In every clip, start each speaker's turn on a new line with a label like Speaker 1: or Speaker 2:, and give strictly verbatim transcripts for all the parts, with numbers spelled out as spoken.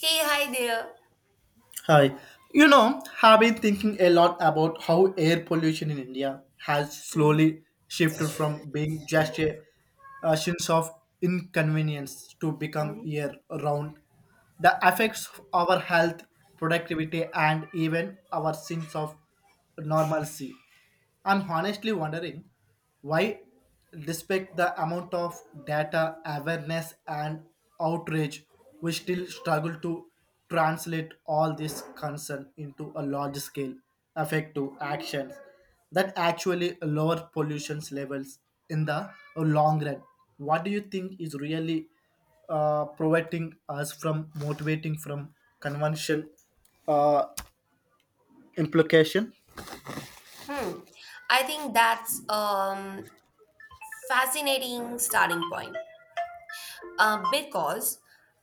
Speaker 1: Hey, hi there.
Speaker 2: Hi. You know, have been thinking a lot about how air pollution in India has
Speaker 1: Mhm,
Speaker 2: slowly shifted from being just a, a sense of inconvenience to become
Speaker 1: mhm.
Speaker 2: year round. The effects of our health, productivity, and even our sense of normalcy. I'm honestly wondering why, despite the amount of data, awareness, and outrage, we still struggle to translate all this concern into a large scale effective actions that actually lower pollution levels in the long run. What do you think is really uh, preventing us from motivating from convention uh, implication?
Speaker 1: Hmm. I think that's um fascinating starting point. Uh, because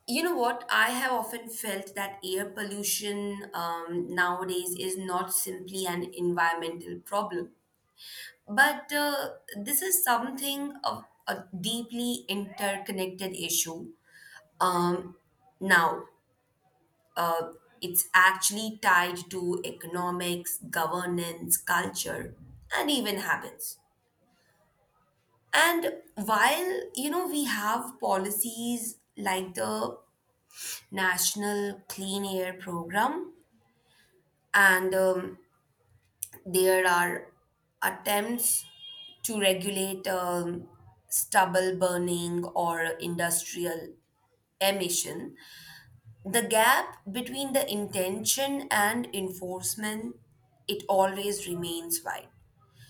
Speaker 1: you know what, I have often felt that air pollution um, nowadays is not simply an environmental problem, but uh, this is something of a deeply interconnected issue um, now. Uh, it's actually tied to economics, governance, culture, and even habits. And while, you know, we have policies like the National Clean Air Program, and um, there are attempts to regulate um, stubble burning or industrial emission, the gap between the intention and enforcement it always remains wide.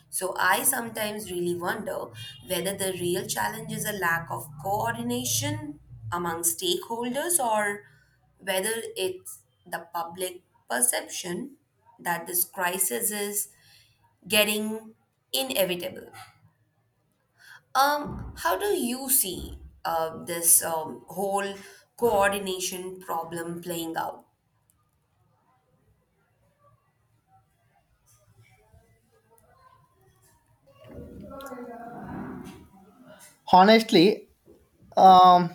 Speaker 1: So I sometimes really wonder whether the real challenge is a lack of coordination among stakeholders, or whether it's the public perception that this crisis is getting inevitable. Um how do you see uh, this um, whole coordination problem playing out?
Speaker 2: Honestly, um,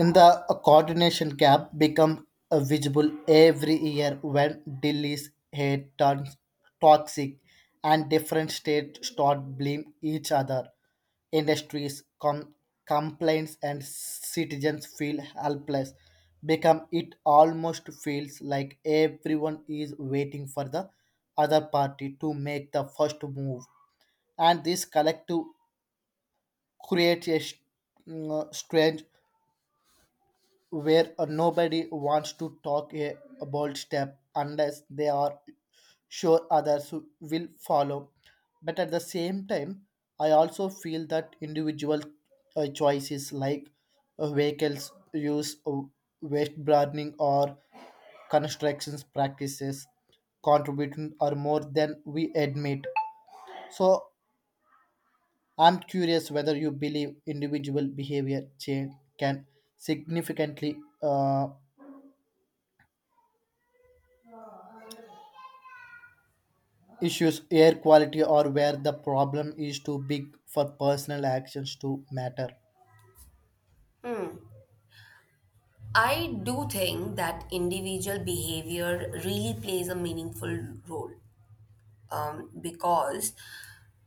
Speaker 2: in the coordination gap become uh, visible every year when Delhi's head turns toxic and different states start blame each other. Industries, com- complaints, and citizens feel helpless. Become it almost feels like everyone is waiting for the other party to make the first move, and this collective creates a s- mm, uh, strange where uh, nobody wants to talk a, a bold step unless they are sure others who will follow. But at the same time, I also feel that individual uh, choices like uh, vehicles use, uh, waste burning, or constructions practices contributing are more than we admit. So I'm curious whether you believe individual behavior change can significantly uh, issues air quality or where the problem is too big for personal actions to matter.
Speaker 1: I do think that individual behavior really plays a meaningful role, um, because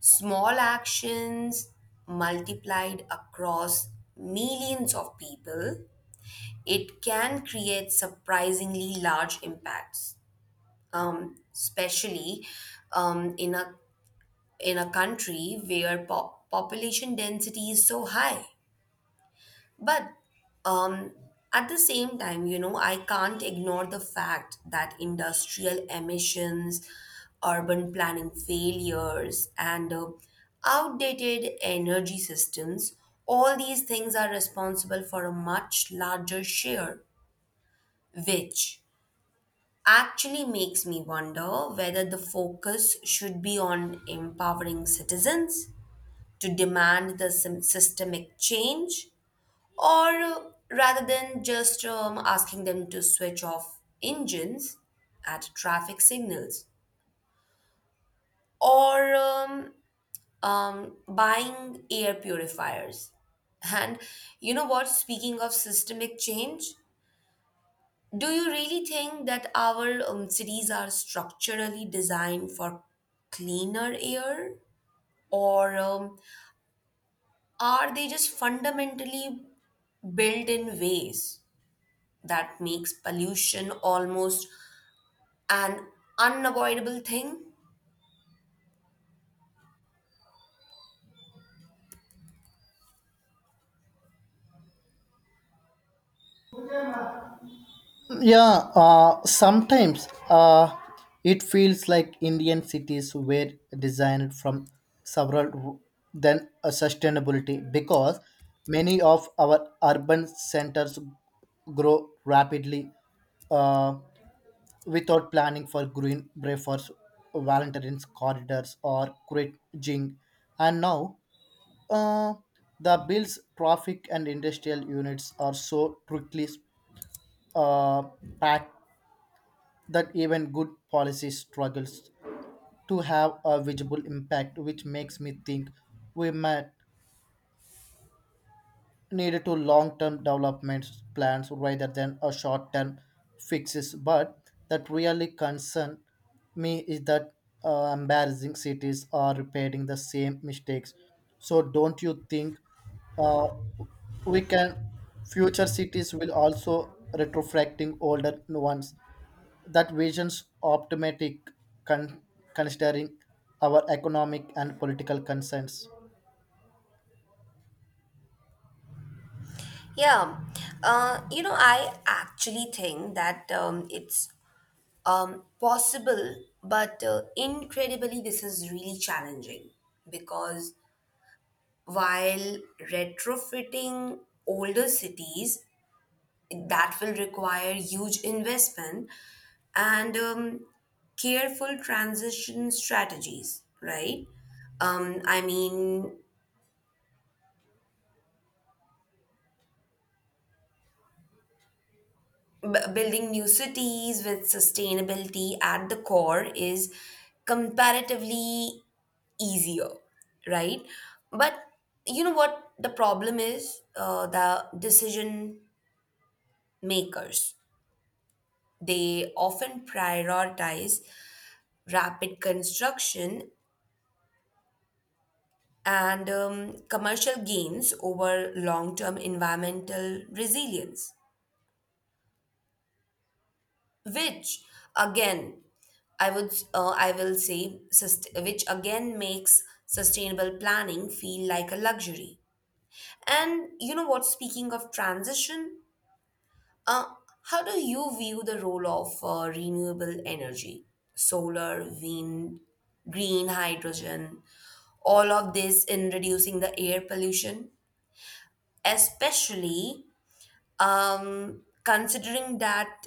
Speaker 1: small actions multiplied across millions of people, it can create surprisingly large impacts, um, especially um, in a in a country where po- population density is so high. But um, at the same time, you know, I can't ignore the fact that industrial emissions, urban planning failures, and uh, outdated energy systems, all these things are responsible for a much larger share, which actually makes me wonder whether the focus should be on empowering citizens to demand the sym- systemic change, or uh, rather than just um, asking them to switch off engines at traffic signals or um, um, buying air purifiers. And you know what? Speaking of systemic change, do you really think that our um, cities are structurally designed for cleaner air? Or um, are they just fundamentally built in ways that makes pollution almost an unavoidable thing?
Speaker 2: Yeah, uh, sometimes uh, it feels like Indian cities were designed from several r- than a sustainability because many of our urban centers grow rapidly uh, without planning for green buffers, valentine's corridors, or grid jing. And now Uh, the bills, traffic, and industrial units are so quickly uh, packed that even good policy struggles to have a visible impact, which makes me think we might needed to long-term development plans rather than a short-term fixes. But that really concern me is that uh, embarrassing cities are repeating the same mistakes. So don't you think uh, we can future cities will also retrofracting older ones? That vision's optimistic con- considering our economic and political concerns.
Speaker 1: Yeah, uh, you know, I actually think that um, it's um, possible, but uh, incredibly, this is really challenging because while retrofitting older cities, that will require huge investment and um, careful transition strategies, right? Um, I mean, b- building new cities with sustainability at the core is comparatively easier, right? But you know what the problem is? Uh, the decision makers. They often prioritize rapid construction and um, commercial gains over long term environmental resilience. Which again, i would uh, i will say sust- which again makes sustainable planning feel like a luxury. And you know what, speaking of transition, uh, how do you view the role of uh, renewable energy, solar, wind, green hydrogen, all of this in reducing the air pollution, especially um, considering that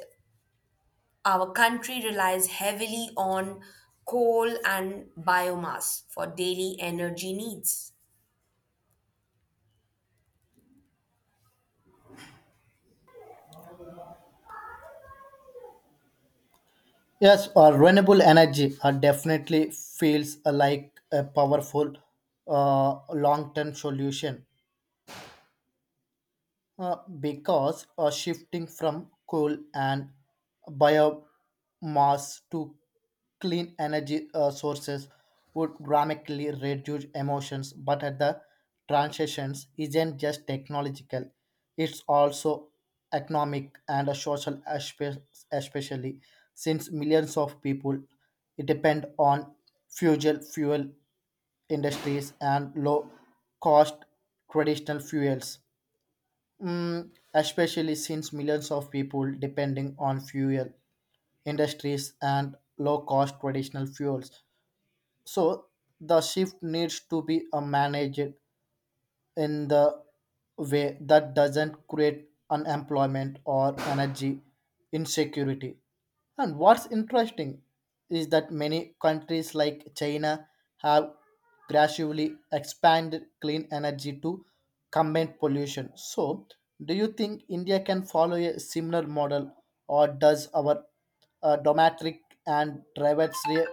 Speaker 1: our country relies heavily on coal and biomass for daily energy needs.
Speaker 2: Yes, or renewable energy uh, definitely feels uh, like a powerful uh, long-term solution. Uh, because uh, shifting from coal and biomass to clean energy uh, sources would dramatically reduce emissions but at the transitions isn't just technological, it's also economic and a social aspe- especially since millions of people depend on fossil fuel industries and low cost traditional fuels. Mm, especially since millions of people depending on fuel industries and low cost traditional fuels. So the shift needs to be uh, managed in the way that doesn't create unemployment or energy insecurity. And what's interesting is that many countries like China have gradually expanded clean energy to combat pollution. So, do you think India can follow a similar model, or does our uh, domestic and private sphere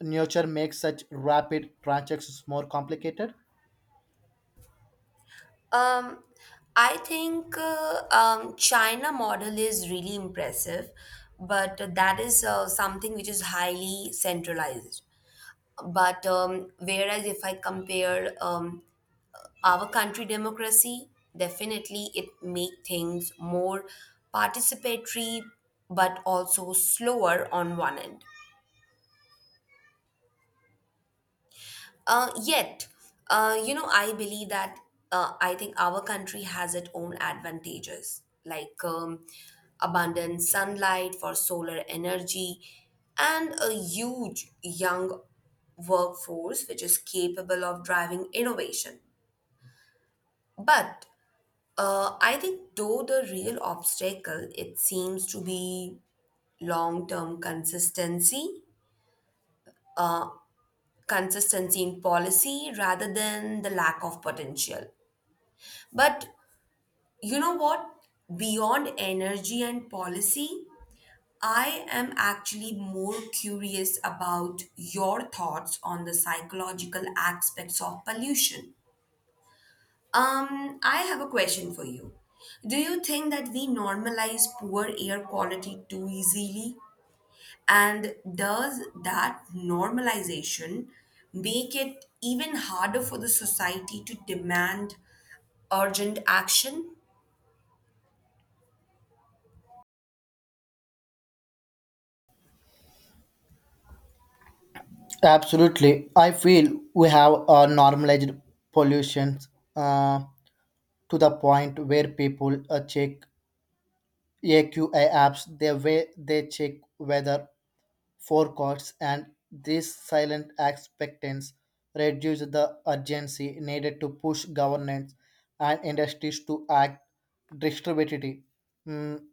Speaker 2: nature make such rapid transactions more complicated?
Speaker 1: Um, I think uh, um, China model is really impressive, but that is uh, something which is highly centralized. But um, whereas if I compare um, our country democracy, definitely it make things more participatory, but also slower on one end. Uh, yet, uh, you know, I believe that uh, I think our country has its own advantages, like um, abundant sunlight for solar energy and a huge young workforce which is capable of driving innovation. But uh, I think, though, the real obstacle it seems to be long-term consistency, consistency in policy rather than the lack of potential. But you know what? Beyond energy and policy, I am actually more curious about your thoughts on the psychological aspects of pollution. Um, I have a question for you. Do you think that we normalize poor air quality too easily? And does that normalization make it even harder for the society to demand urgent action?
Speaker 2: Absolutely. I feel we have uh, normalized pollution uh, to the point where people uh, check A Q I apps, the way they check weather forecasts, and this silent expectance reduces the urgency needed to push governments and industries to act distributively. Mm.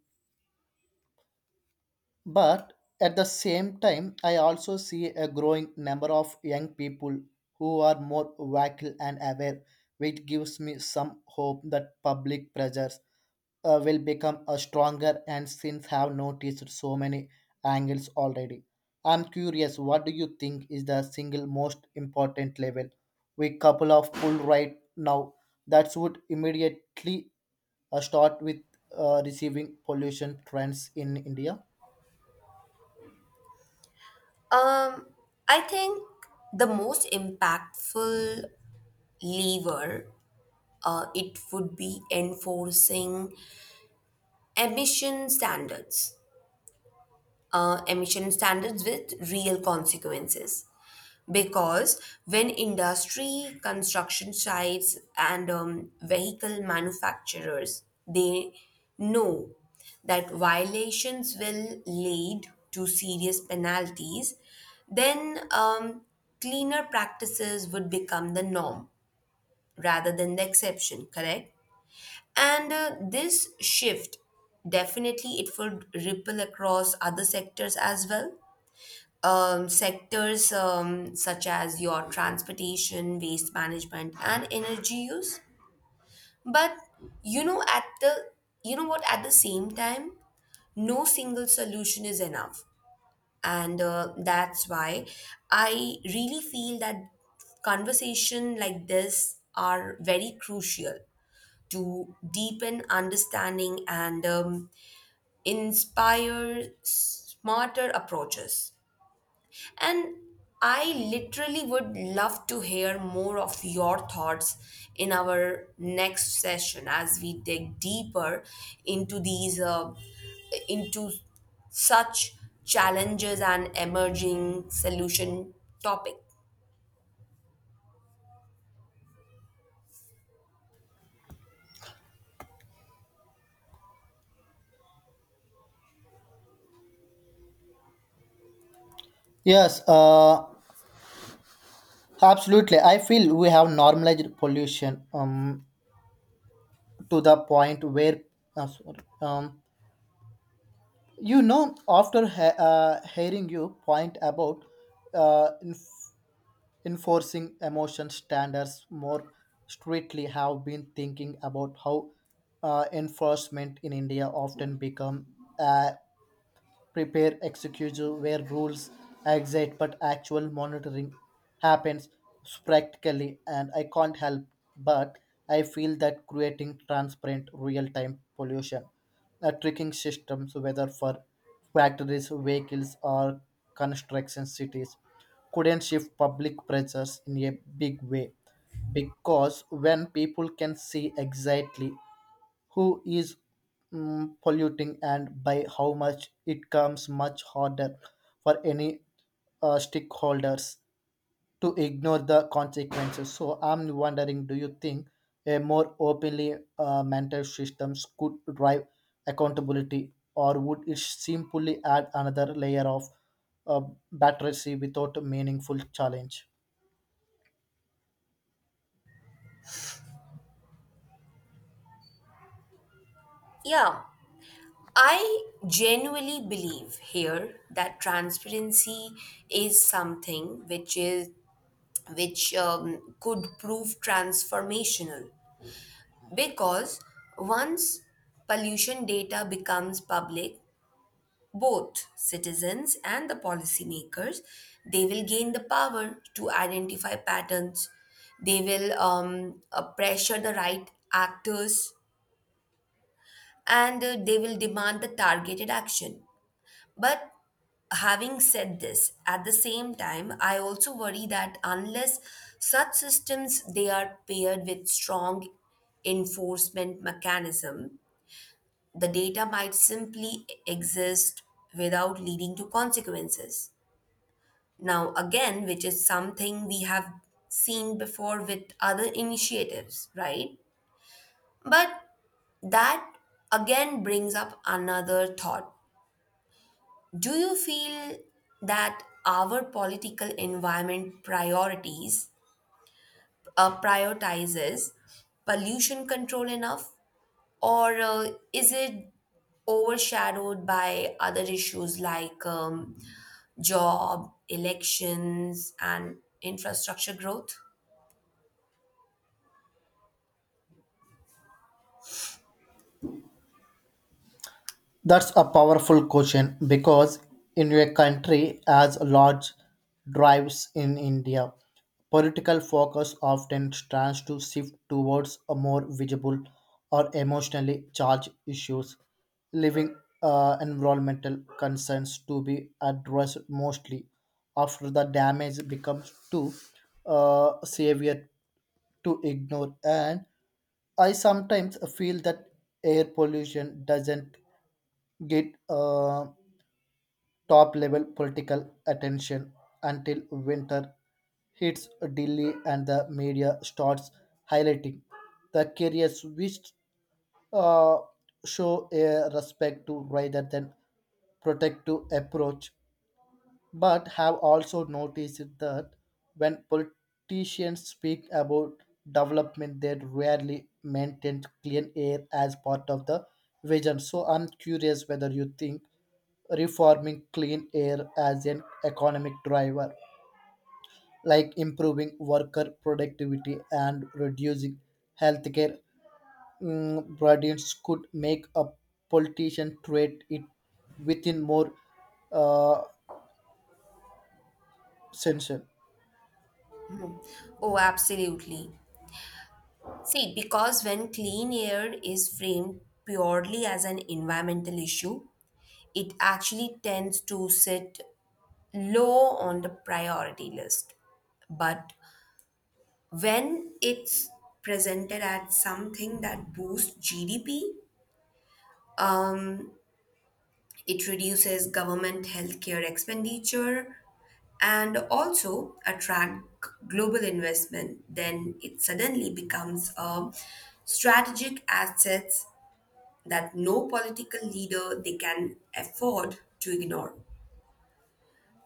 Speaker 2: But at the same time, I also see a growing number of young people who are more vocal and aware, which gives me some hope that public pressures uh, will become a stronger and since have noticed so many angles already. I'm curious, what do you think is the single most important level we couple of pull right now that would immediately uh, start with uh, receiving pollution trends in India?
Speaker 1: Um, I think the most impactful lever, uh, it would be enforcing emission standards, uh, emission standards with real consequences. Because when industry construction sites and um, vehicle manufacturers they know that violations will lead to serious penalties, then um, cleaner practices would become the norm rather than the exception, correct? And uh, this shift, definitely it would ripple across other sectors as well, um, sectors um, such as your transportation, waste management, and energy use. But you know, at the you know what, at the same time, no single solution is enough, and uh, that's why I really feel that conversation like this are very crucial to deepen understanding and um, inspire smarter approaches. And I literally would love to hear more of your thoughts in our next session, as we dig deeper into these uh, into such challenges and emerging solution topic.
Speaker 2: Yes, uh, absolutely. I feel we have normalized pollution um, to the point where, uh, sorry, um, you know, after he- uh, hearing you point about uh, enf- enforcing emotion standards more strictly, have been thinking about how uh, enforcement in India often become a prepare executive where rules exist but actual monitoring happens practically, and I can't help but I feel that creating transparent real-time pollution a tracking systems whether for factories vehicles or construction cities couldn't shift public pressures in a big way because when people can see exactly who is mm, polluting and by how much it comes much harder for any uh, stakeholders to ignore the consequences. So I'm wondering, do you think a more openly uh, mental systems could drive accountability or would it simply add another layer of uh, battery without a meaningful challenge?
Speaker 1: Yeah, I genuinely believe here that transparency is something which is which um, could prove transformational. Because once pollution data becomes public, both citizens and the policymakers, they will gain the power to identify patterns. They will um, uh, pressure the right actors and uh, they will demand the targeted action. But having said this, at the same time, I also worry that unless such systems they are paired with strong enforcement mechanism, the data might simply exist without leading to consequences. Now, again, which is something we have seen before with other initiatives, right? But that again brings up another thought. Do you feel that our political environment priorities uh, prioritizes pollution control enough? Or uh, is it overshadowed by other issues like um, job, elections, and infrastructure growth?
Speaker 2: That's a powerful question because in a country as large drives in India, political focus often tries to shift towards a more visible or emotionally charged issues, leaving uh, environmental concerns to be addressed mostly after the damage becomes too uh, severe to ignore. And I sometimes feel that air pollution doesn't get uh, top level political attention until winter hits Delhi and the media starts highlighting the careers which uh, show a respect to rather than protective approach, but have also noticed that when politicians speak about development, they rarely mention clean air as part of the vision. So I'm curious whether you think reforming clean air as an economic driver, like improving worker productivity and reducing healthcare mm, burdens, could make a politician treat it within more uh, censure.
Speaker 1: Oh, absolutely. See, because when clean air is framed purely as an environmental issue, it actually tends to sit low on the priority list. But when it's presented as something that boosts G D P, um, it reduces government healthcare expenditure and also attract global investment. Then it suddenly becomes a strategic asset that no political leader they can afford to ignore.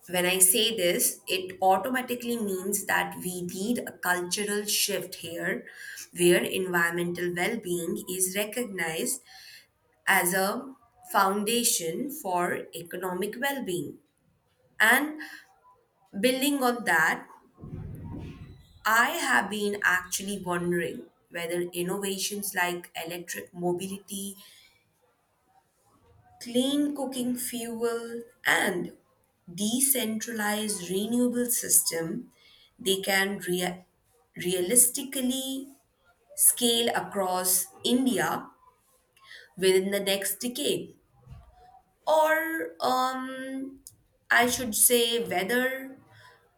Speaker 1: When I say this, it automatically means that we need a cultural shift here where environmental well-being is recognized as a foundation for economic well-being. And building on that, I have been actually wondering whether innovations like electric mobility, clean cooking fuel, and decentralized renewable system they can rea- realistically scale across India within the next decade. Or um, I should say whether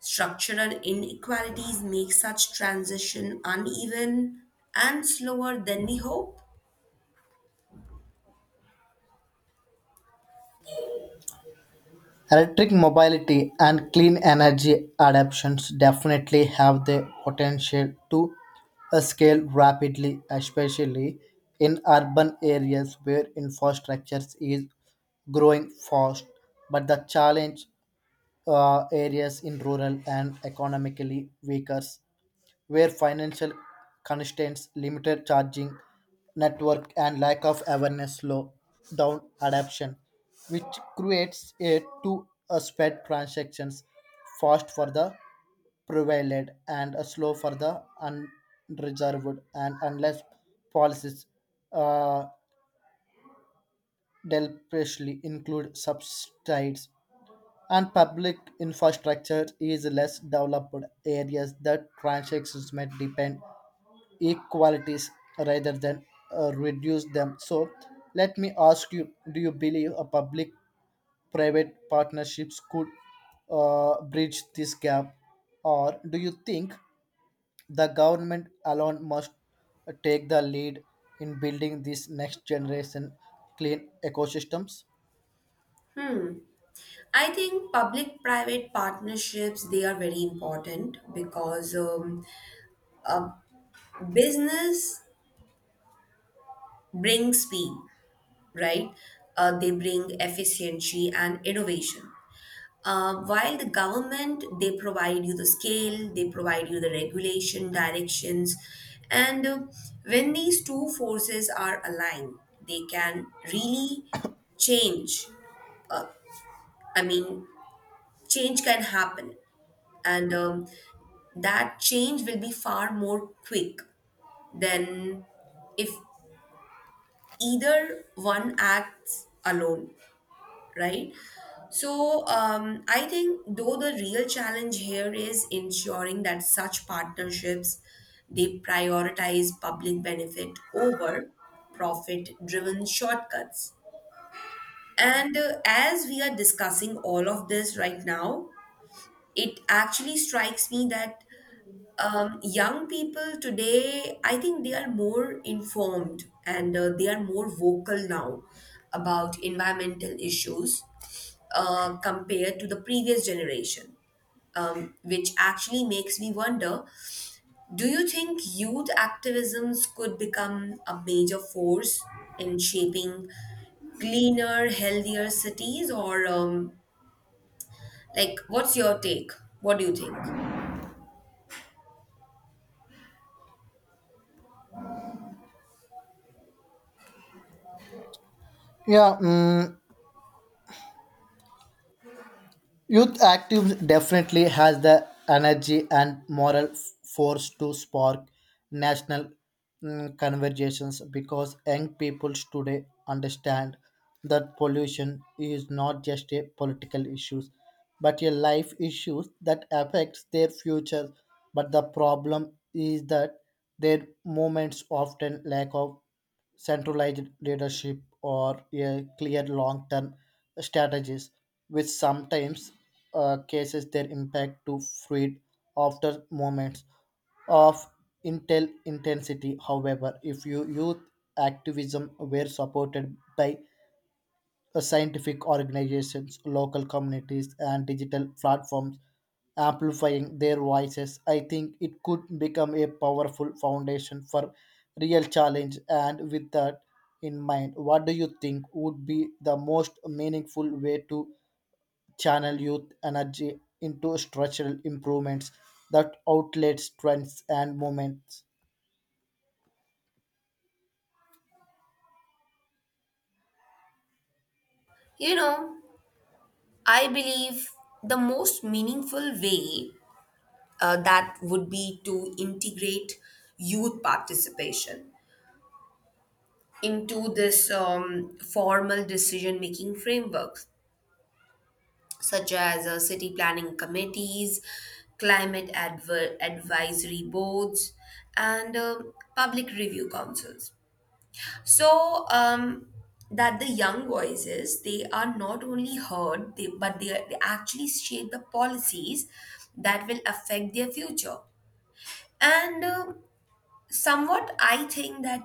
Speaker 1: structural inequalities make such transition uneven and slower than we hope.
Speaker 2: Electric mobility and clean energy adoptions definitely have the potential to uh, scale rapidly, especially in urban areas where infrastructure is growing fast. But the challenge uh, areas in rural and economically weaker where financial constraints, limited charging network, and lack of awareness slow down adoption, which creates a too a spread transactions fast for the prevalent and a slow for the unreserved, and unless policies uh, deliberately include subsidies and public infrastructure is less developed areas that transactions may depend equalities rather than uh, reduce them. So, let me ask you, do you believe a public private partnerships could uh, bridge this gap, or do you think the government alone must take the lead in building these next generation clean ecosystems?
Speaker 1: I think public-private partnerships they are very important, because um, business brings speed, right? Uh, they bring efficiency and innovation. Uh, while the government, they provide you the scale, they provide you the regulation, directions, and uh, when these two forces are aligned, they can really change. I mean, change can happen, and um, that change will be far more quick than if either one acts alone, right? So um, I think though the real challenge here is ensuring that such partnerships they prioritize public benefit over profit-driven shortcuts. And uh, as we are discussing all of this right now, it actually strikes me that um, young people today, I think they are more informed and uh, they are more vocal now about environmental issues uh, compared to the previous generation, um, which actually makes me wonder, do you think youth activisms could become a major force in shaping cleaner, healthier cities? Or, um, like, what's your take? What do you think?
Speaker 2: Yeah. Mm. Youth activism definitely has the energy and moral f- force to spark national mm, conversations because young people today understand that pollution is not just a political issue but a life issue that affects their future. But the problem is that their movements often lack of centralized leadership or a clear long-term strategies, which sometimes uh, cases their impact to fade after moments of intel intensity. However, if you youth activism were supported by uh, scientific organizations, local communities, and digital platforms amplifying their voices. I think it could become a powerful foundation for real challenge. And with that in mind, what do you think would be the most meaningful way to channel youth energy into structural improvements that outlets trends and movements?
Speaker 1: You know, I believe the most meaningful way, uh, that would be to integrate youth participation into this um, formal decision making framework, such as uh, city planning committees, climate adver- advisory boards, and um public review councils. So um, that the young voices they are not only heard, they, but they, are- they actually shape the policies that will affect their future. And um somewhat, I think that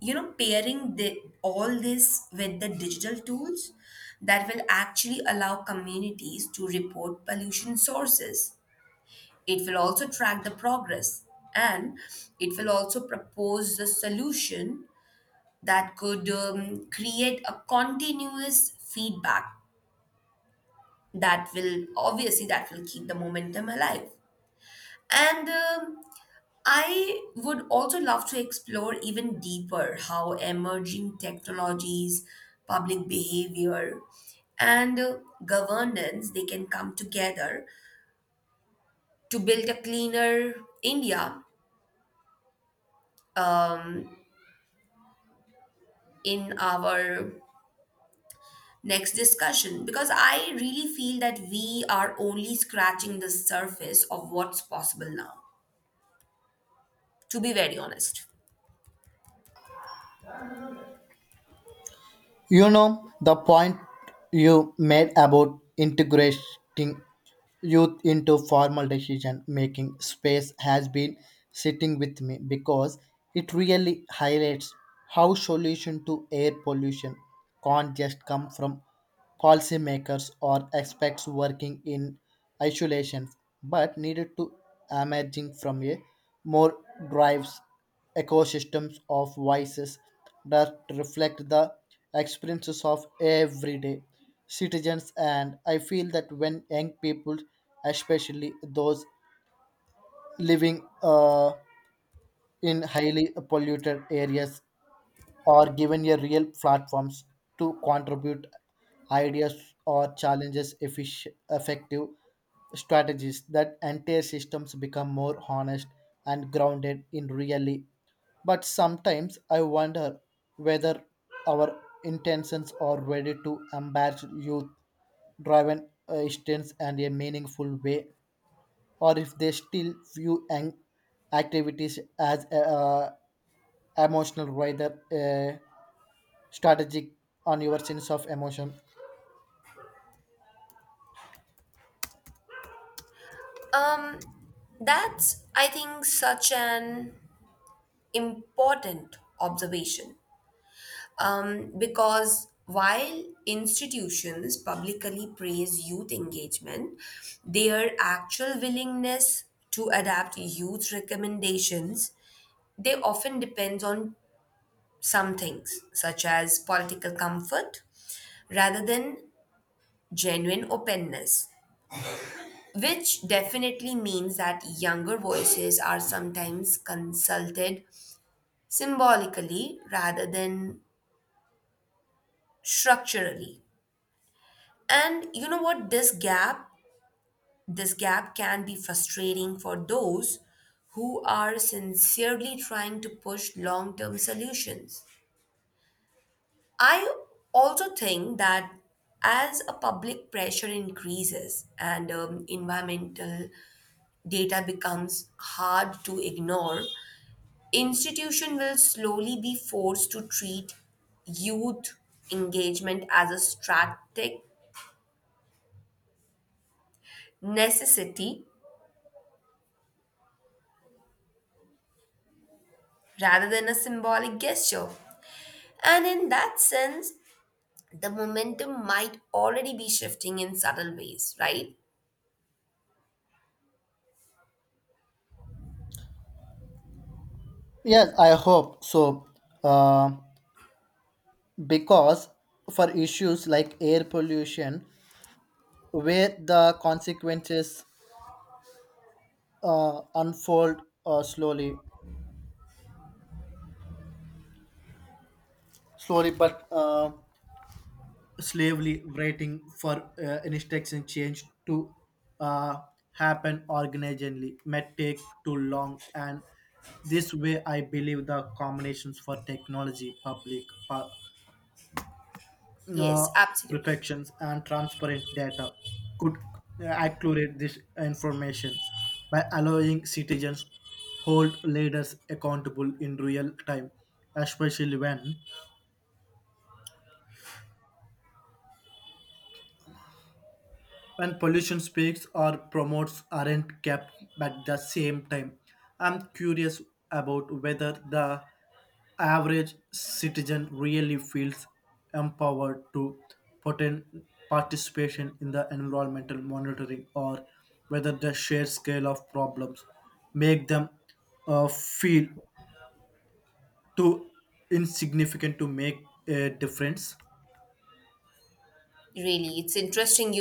Speaker 1: you know pairing the, all this with the digital tools that will actually allow communities to report pollution sources. It will also track the progress and it will also propose the solution that could um, create a continuous feedback that will obviously that will keep the momentum alive. And um, I would also love to explore even deeper how emerging technologies, public behavior, and uh, governance they can come together to build a cleaner India in our next discussion, because I really feel that we are only scratching the surface of what's possible now, to be very honest.
Speaker 2: You know, the point you made about integrating youth into formal decision making space has been sitting with me because it really highlights how solution to air pollution can't just come from policymakers or experts working in isolation but needed to emerging from a more drives ecosystems of voices that reflect the experiences of everyday citizens. And I feel that when young people, especially those living uh, in highly polluted areas or given a real platforms to contribute ideas or challenges effic- effective strategies, that entire systems become more honest and grounded in reality. But sometimes I wonder whether our intentions are ready to embrace youth driven instance and a meaningful way or if they still view ang- activities as uh, emotional rather uh, strategic on your sense of emotion.
Speaker 1: Um, that's, I think, such an important observation, um, because while institutions publicly praise youth engagement, their actual willingness to adapt youth recommendations they often depends on some things, such as political comfort, rather than genuine openness, which definitely means that younger voices are sometimes consulted symbolically rather than structurally. And you know what? This gap, this gap can be frustrating for those who are sincerely trying to push long term solutions. I also think that as a public pressure increases and um, environmental data becomes hard to ignore, institution will slowly be forced to treat youth engagement as a strategic necessity rather than a symbolic gesture. And in that sense, the momentum might already be shifting in subtle ways, right?
Speaker 2: Yes, I hope so, uh, because for issues like air pollution where the consequences uh, unfold uh, slowly slowly but uh, slowly, waiting for uh, instruction change to uh, happen organically may take too long. And this way I believe the combinations for technology public pa- uh,
Speaker 1: Yes, absolutely.
Speaker 2: protections and transparent data could accurate this information by allowing citizens hold leaders accountable in real time, especially when when pollution speaks or promotes aren't kept at the same time. I'm curious about whether the average citizen really feels empowered to potent participation in the environmental monitoring or whether the sheer scale of problems make them uh, feel too insignificant to make a difference.
Speaker 1: Really, it's interesting